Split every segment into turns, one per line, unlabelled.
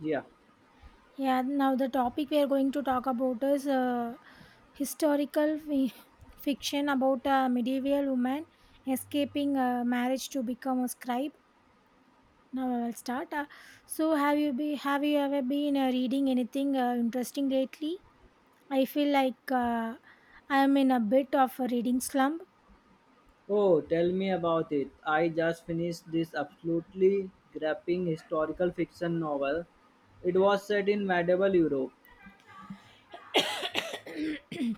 Yeah.
Yeah, now the topic we are going to talk about is historical fi- fiction about a medieval woman escaping marriage to become a scribe. Now I will start. So, have you be have you ever been reading anything interesting lately? I feel like I am in a bit of a reading slump.
Oh, tell me about it. I just finished this absolutely gripping historical fiction novel. It was set in medieval Europe.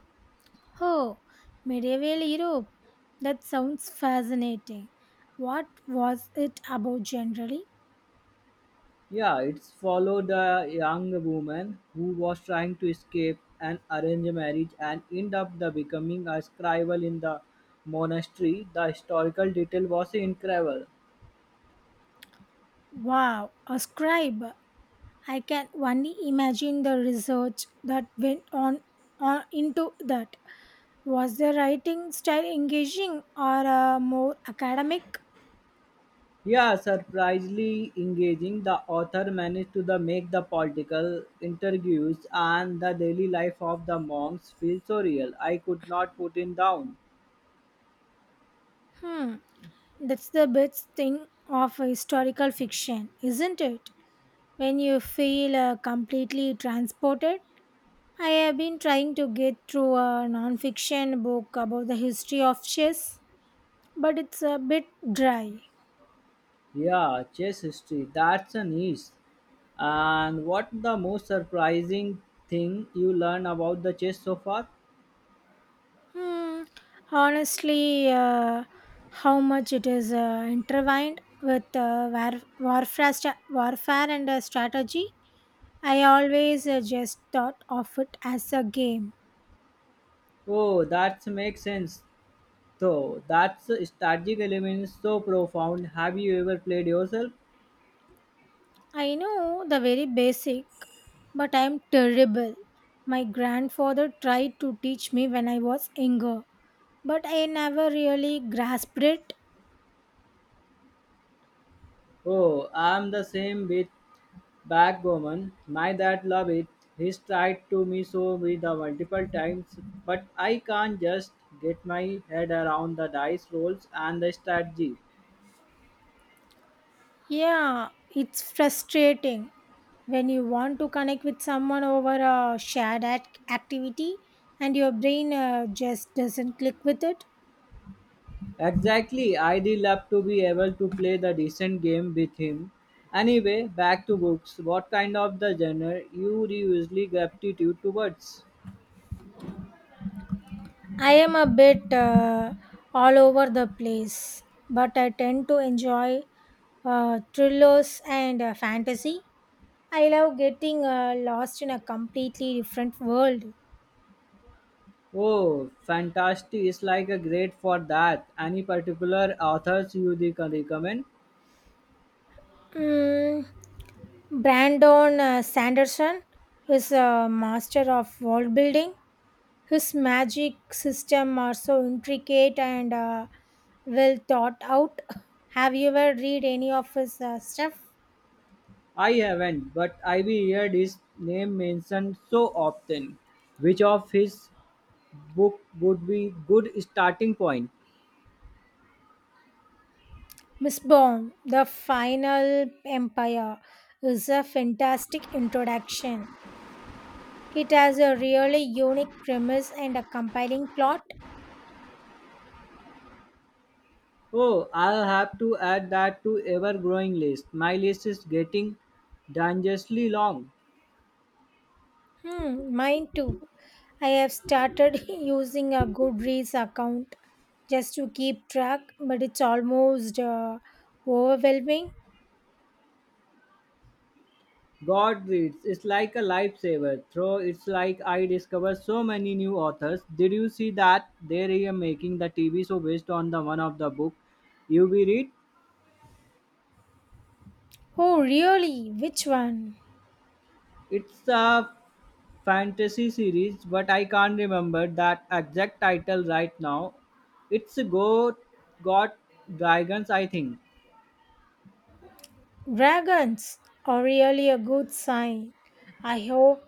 Oh, medieval Europe. That sounds fascinating. What was it about generally?
Yeah, it's followed a young woman who was trying to escape an arranged marriage and end up the becoming a scribble in the monastery. The historical detail was incredible.
Wow, a scribe. I can only imagine the research that went on into that. Was the writing style engaging or more academic?
Yeah, surprisingly engaging, the author managed to the make the political interviews and the daily life of the monks feel so real. I could not put it down.
Hmm, that's the best thing of historical fiction, isn't it? When you feel completely transported. I have been trying to get through a non-fiction book about the history of chess, but it's a bit dry.
Yeah, chess history, that's a niche. And what the most surprising thing you learn about the chess so far?
Hmm, honestly, how much it is intertwined with warfare, warfare and strategy. I always just thought of it as a game.
Oh, that makes sense. So that's strategic element is so profound. Have you ever played yourself?
I know the very basic, but I'm terrible. My grandfather tried to teach me when I was younger, but I never really grasped it.
Oh, I'm the same with Back woman, my dad love it. He's tried to me so with the multiple times, but I can't just get my head around the dice rolls and the strategy.
Yeah, it's frustrating when you want to connect with someone over a shared activity and your brain just doesn't click with it.
Exactly, I'd love to be able to play the decent game with him. Anyway, back to books. What kind of the genre you usually gravitated towards?
I am a bit all over the place, but I tend to enjoy thrillers and fantasy. I love getting lost in a completely different world.
Oh, fantastic! It's like a great for that. Any particular authors you can recommend?
Mm, Brandon Sanderson is a master of world building. His magic system are so intricate and well thought out. Have you ever read any of his stuff?
I haven't, but I've heard his name mentioned so often. Which of his book would be good starting point?
Miss Bond, The Final Empire is a fantastic introduction. It has a really unique premise and a compelling plot.
Oh, I'll have to add that to ever-growing list. My list is getting dangerously long.
Hmm, mine too. I have started using a Goodreads account just to keep track, but it's almost overwhelming.
God reads. It's like a lifesaver. Though it's like I discovered so many new authors. Did you see that they are making the TV show based on the one of the book you be read?
Oh, really? Which one?
It's a fantasy series, but I can't remember that exact title right now. It's Go Got Dragons, I think.
Dragons are really a good sign. I hope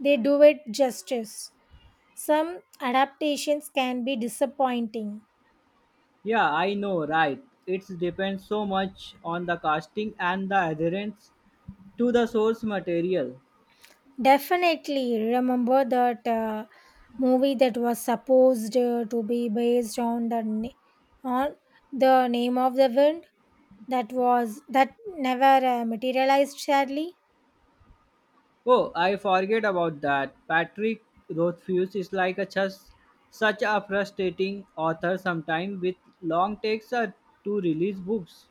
they do it justice. Some adaptations can be disappointing.
Yeah, I know, right. It depends so much on the casting and the adherence to the source material.
Definitely remember that movie that was supposed to be based on on the name of the wind that was that never materialized sadly.
Oh, I forget about that. Patrick Rothfuss is like a just such a frustrating author sometimes with long takes to release books.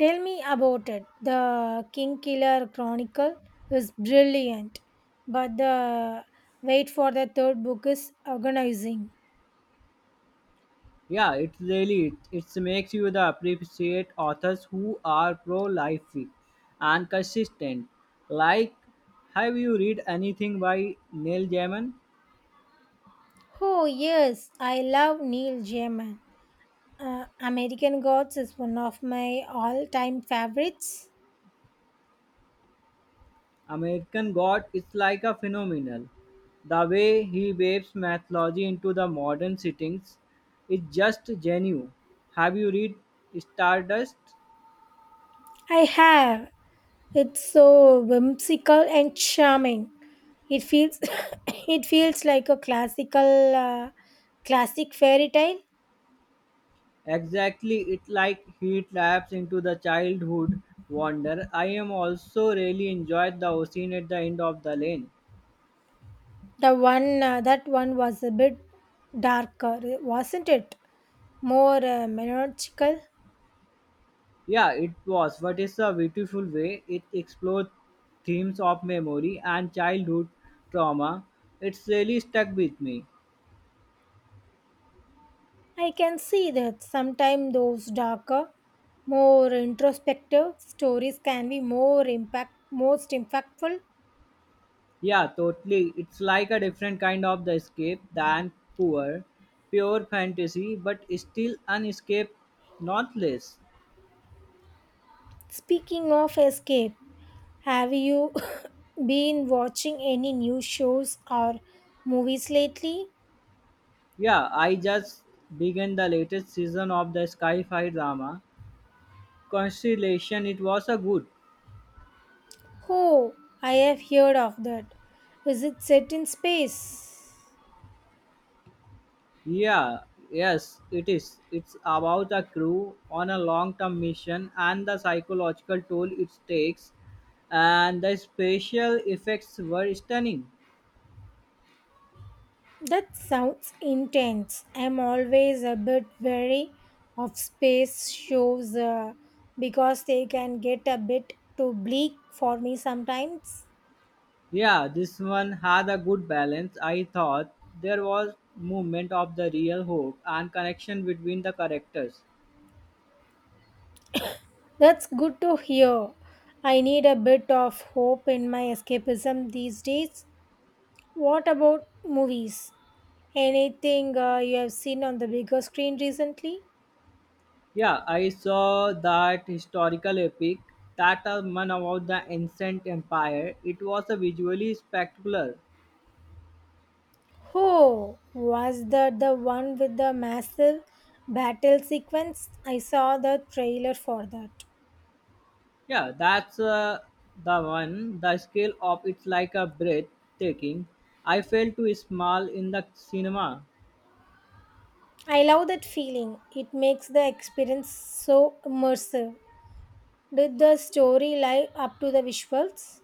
Tell me about it. The King Killer Chronicle is brilliant, but the wait for the third book is agonizing.
Yeah, it really it makes you the appreciate authors who are pro-life and consistent. Like, have you read anything by Neil Gaiman?
Oh, yes, I love Neil Gaiman. American Gods is one of my all time favorites.
American God is like a phenomenal. The way he waves mythology into the modern settings is just genuine. Have you read Stardust?
I have. It's so whimsical and charming. It feels it feels like a classic fairy tale.
Exactly, it like he taps into the childhood wonder. I am also really enjoyed the scene at the end of the lane.
The one that one was a bit darker, wasn't it? More melancholical.
Yeah, it was, but it's a beautiful way it explored themes of memory and childhood trauma. It's really stuck with me.
I can see that sometimes those darker, more introspective stories can be more most impactful.
Yeah, totally. It's like a different kind of the escape than poor, pure fantasy, but still an escape, not less.
Speaking of escape, have you been watching any new shows or movies lately?
Yeah, I just began the latest season of the Sky High drama Constellation. It was a good.
Oh, I have heard of that. Is it set in space?
Yeah, yes, it is. It's about a crew on a long-term mission and the psychological toll it takes, and the special effects were stunning.
That sounds intense. I'm always a bit wary of space shows because they can get a bit too bleak for me sometimes.
Yeah, this one had a good balance. I thought there was movement of the real hope and connection between the characters.
That's good to hear. I need a bit of hope in my escapism these days. What about movies? Anything you have seen on the bigger screen recently?
Yeah, I saw that historical epic that are one about the ancient empire. It was a visually spectacular.
Oh, was that the one with the massive battle sequence? I saw the trailer for that.
Yeah, that's the one. The scale of it's like a breathtaking. I felt too small in the cinema.
I love that feeling. It makes the experience so immersive. Did the story live up to the visuals?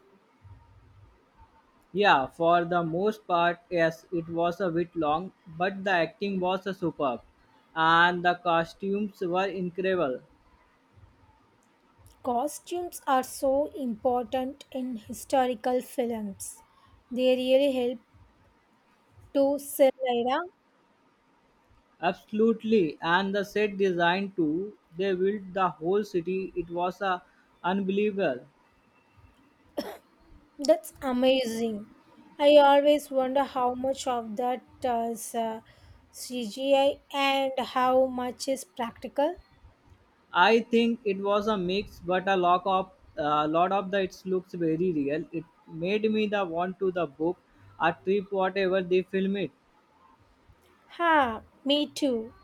Yeah, for the most part, yes, it was a bit long, but the acting was superb, and the costumes were incredible.
Costumes are so important in historical films. They really help to sell the era.
Absolutely, and the set design too. They built the whole city. It was unbelievable.
That's amazing. I always wonder how much of that is CGI and how much is practical.
I think it was a mix, but a lot of the it looks very real. It made me the want to the book a trip, whatever they film it.
Ha, me too.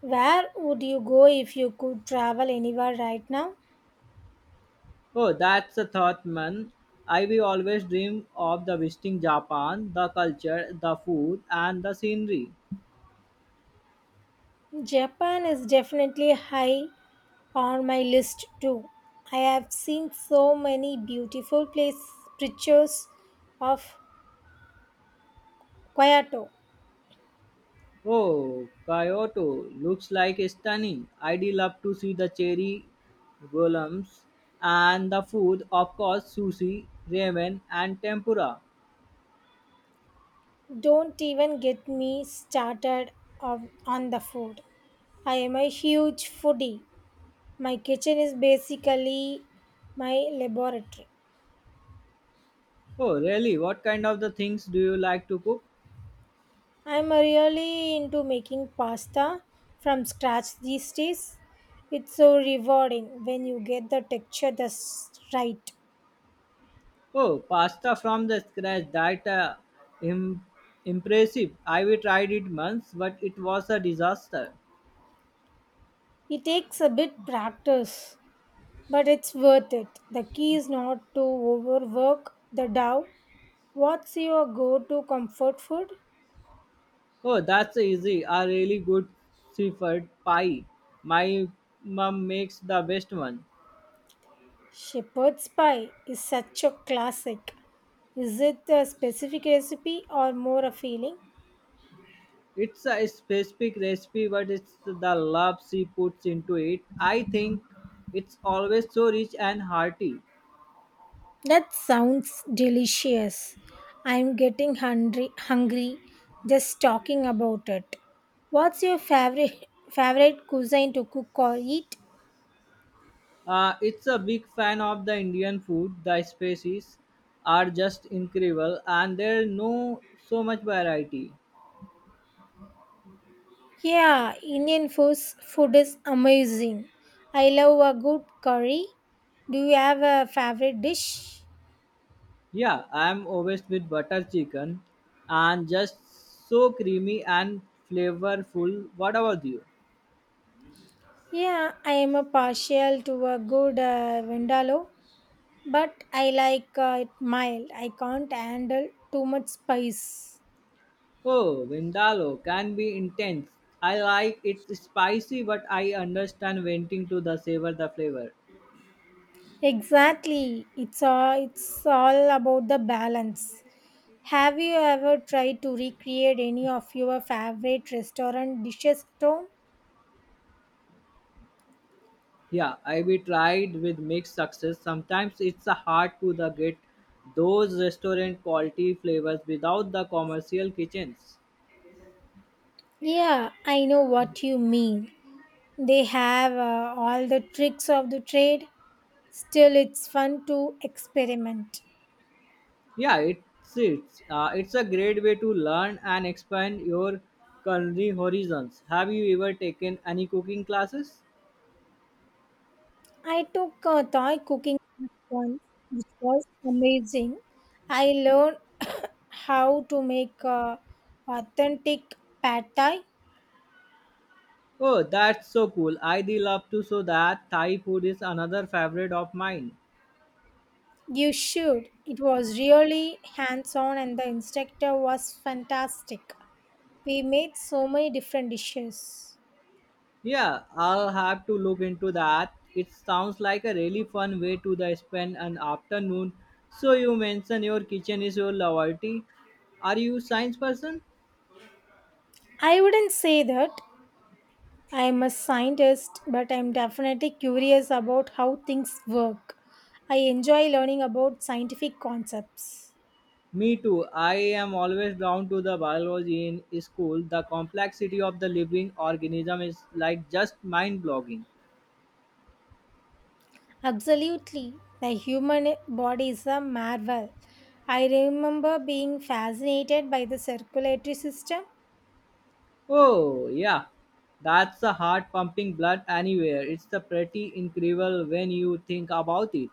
Where would you go if you could travel anywhere right now?
Oh, that's a thought, man. I will always dream of the visiting Japan, the culture, the food, and the scenery.
Japan is definitely high on my list too. I have seen so many beautiful place pictures of Kyoto.
Oh, Kyoto looks like stunning. I'd love to see the cherry golems and the food, of course, sushi, ramen, and tempura.
Don't even get me started on the food. I am a huge foodie. My kitchen is basically my laboratory.
Oh, really? What kind of the things do you like to cook?
I'm really into making pasta from scratch these days. It's so rewarding when you get the texture just right.
Oh, pasta from the scratch. That im- impressive. I we tried it once, but it was a disaster.
It takes a bit practice, but it's worth it. The key is not to overwork the dough. What's your go-to comfort food?
Oh, that's easy. A really good seafood pie. My mom makes the best one.
Shepherd's pie is such a classic. Is it a specific recipe or more a feeling?
It's a specific recipe, but it's the love she puts into it. I think it's always so rich and hearty.
That sounds delicious. I'm getting hungry just talking about it. What's your favorite cuisine to cook or eat?
It's a big fan of the Indian food. The species are just incredible, and there no so much variety.
Yeah, food is amazing. I love a good curry. Do you have a favorite dish?
Yeah, I'm obsessed with butter chicken, and just so creamy and flavorful. What about you?
Yeah, I am a partial to a good vindaloo, but I like it mild. I can't handle too much spice.
Oh, Vindaloo can be intense. I like it spicy, but I understand wanting to the savor the flavor.
Exactly. It's all about the balance. Have you ever tried to recreate any of your favorite restaurant dishes at home?
Yeah, I be tried with mixed success. Sometimes it's a hard to the get those restaurant quality flavors without the commercial kitchens.
Yeah, I know what you mean. They have all the tricks of the trade. Still, it's fun to experiment.
Yeah, it's a great way to learn and expand your culinary horizons. Have you ever taken any cooking classes?
I took a Thai cooking class once, which was amazing. I learned how to make authentic pad thai.
Oh, that's so cool. I do love to so that Thai food is another favorite of mine.
You should. It was really hands on, and the instructor was fantastic. We made so many different dishes.
Yeah, I'll have to look into that. It sounds like a really fun way to the spend an afternoon. So you mentioned your kitchen is your loyalty. Are you science person?
I wouldn't say that I am a scientist, but I am definitely curious about how things work. I enjoy learning about scientific concepts.
Me too. I am always drawn to the biology in school. The complexity of the living organism is like just mind blogging.
Absolutely, the human body is a marvel. I remember being fascinated by the circulatory system
Oh, yeah. That's the heart pumping blood anywhere. It's the pretty incredible when you think about it.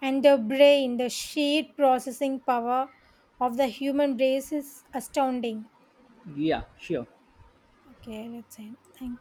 and the brain. The sheer processing power of the human brain is astounding.
Yeah, sure.
Okay, let's end. Thank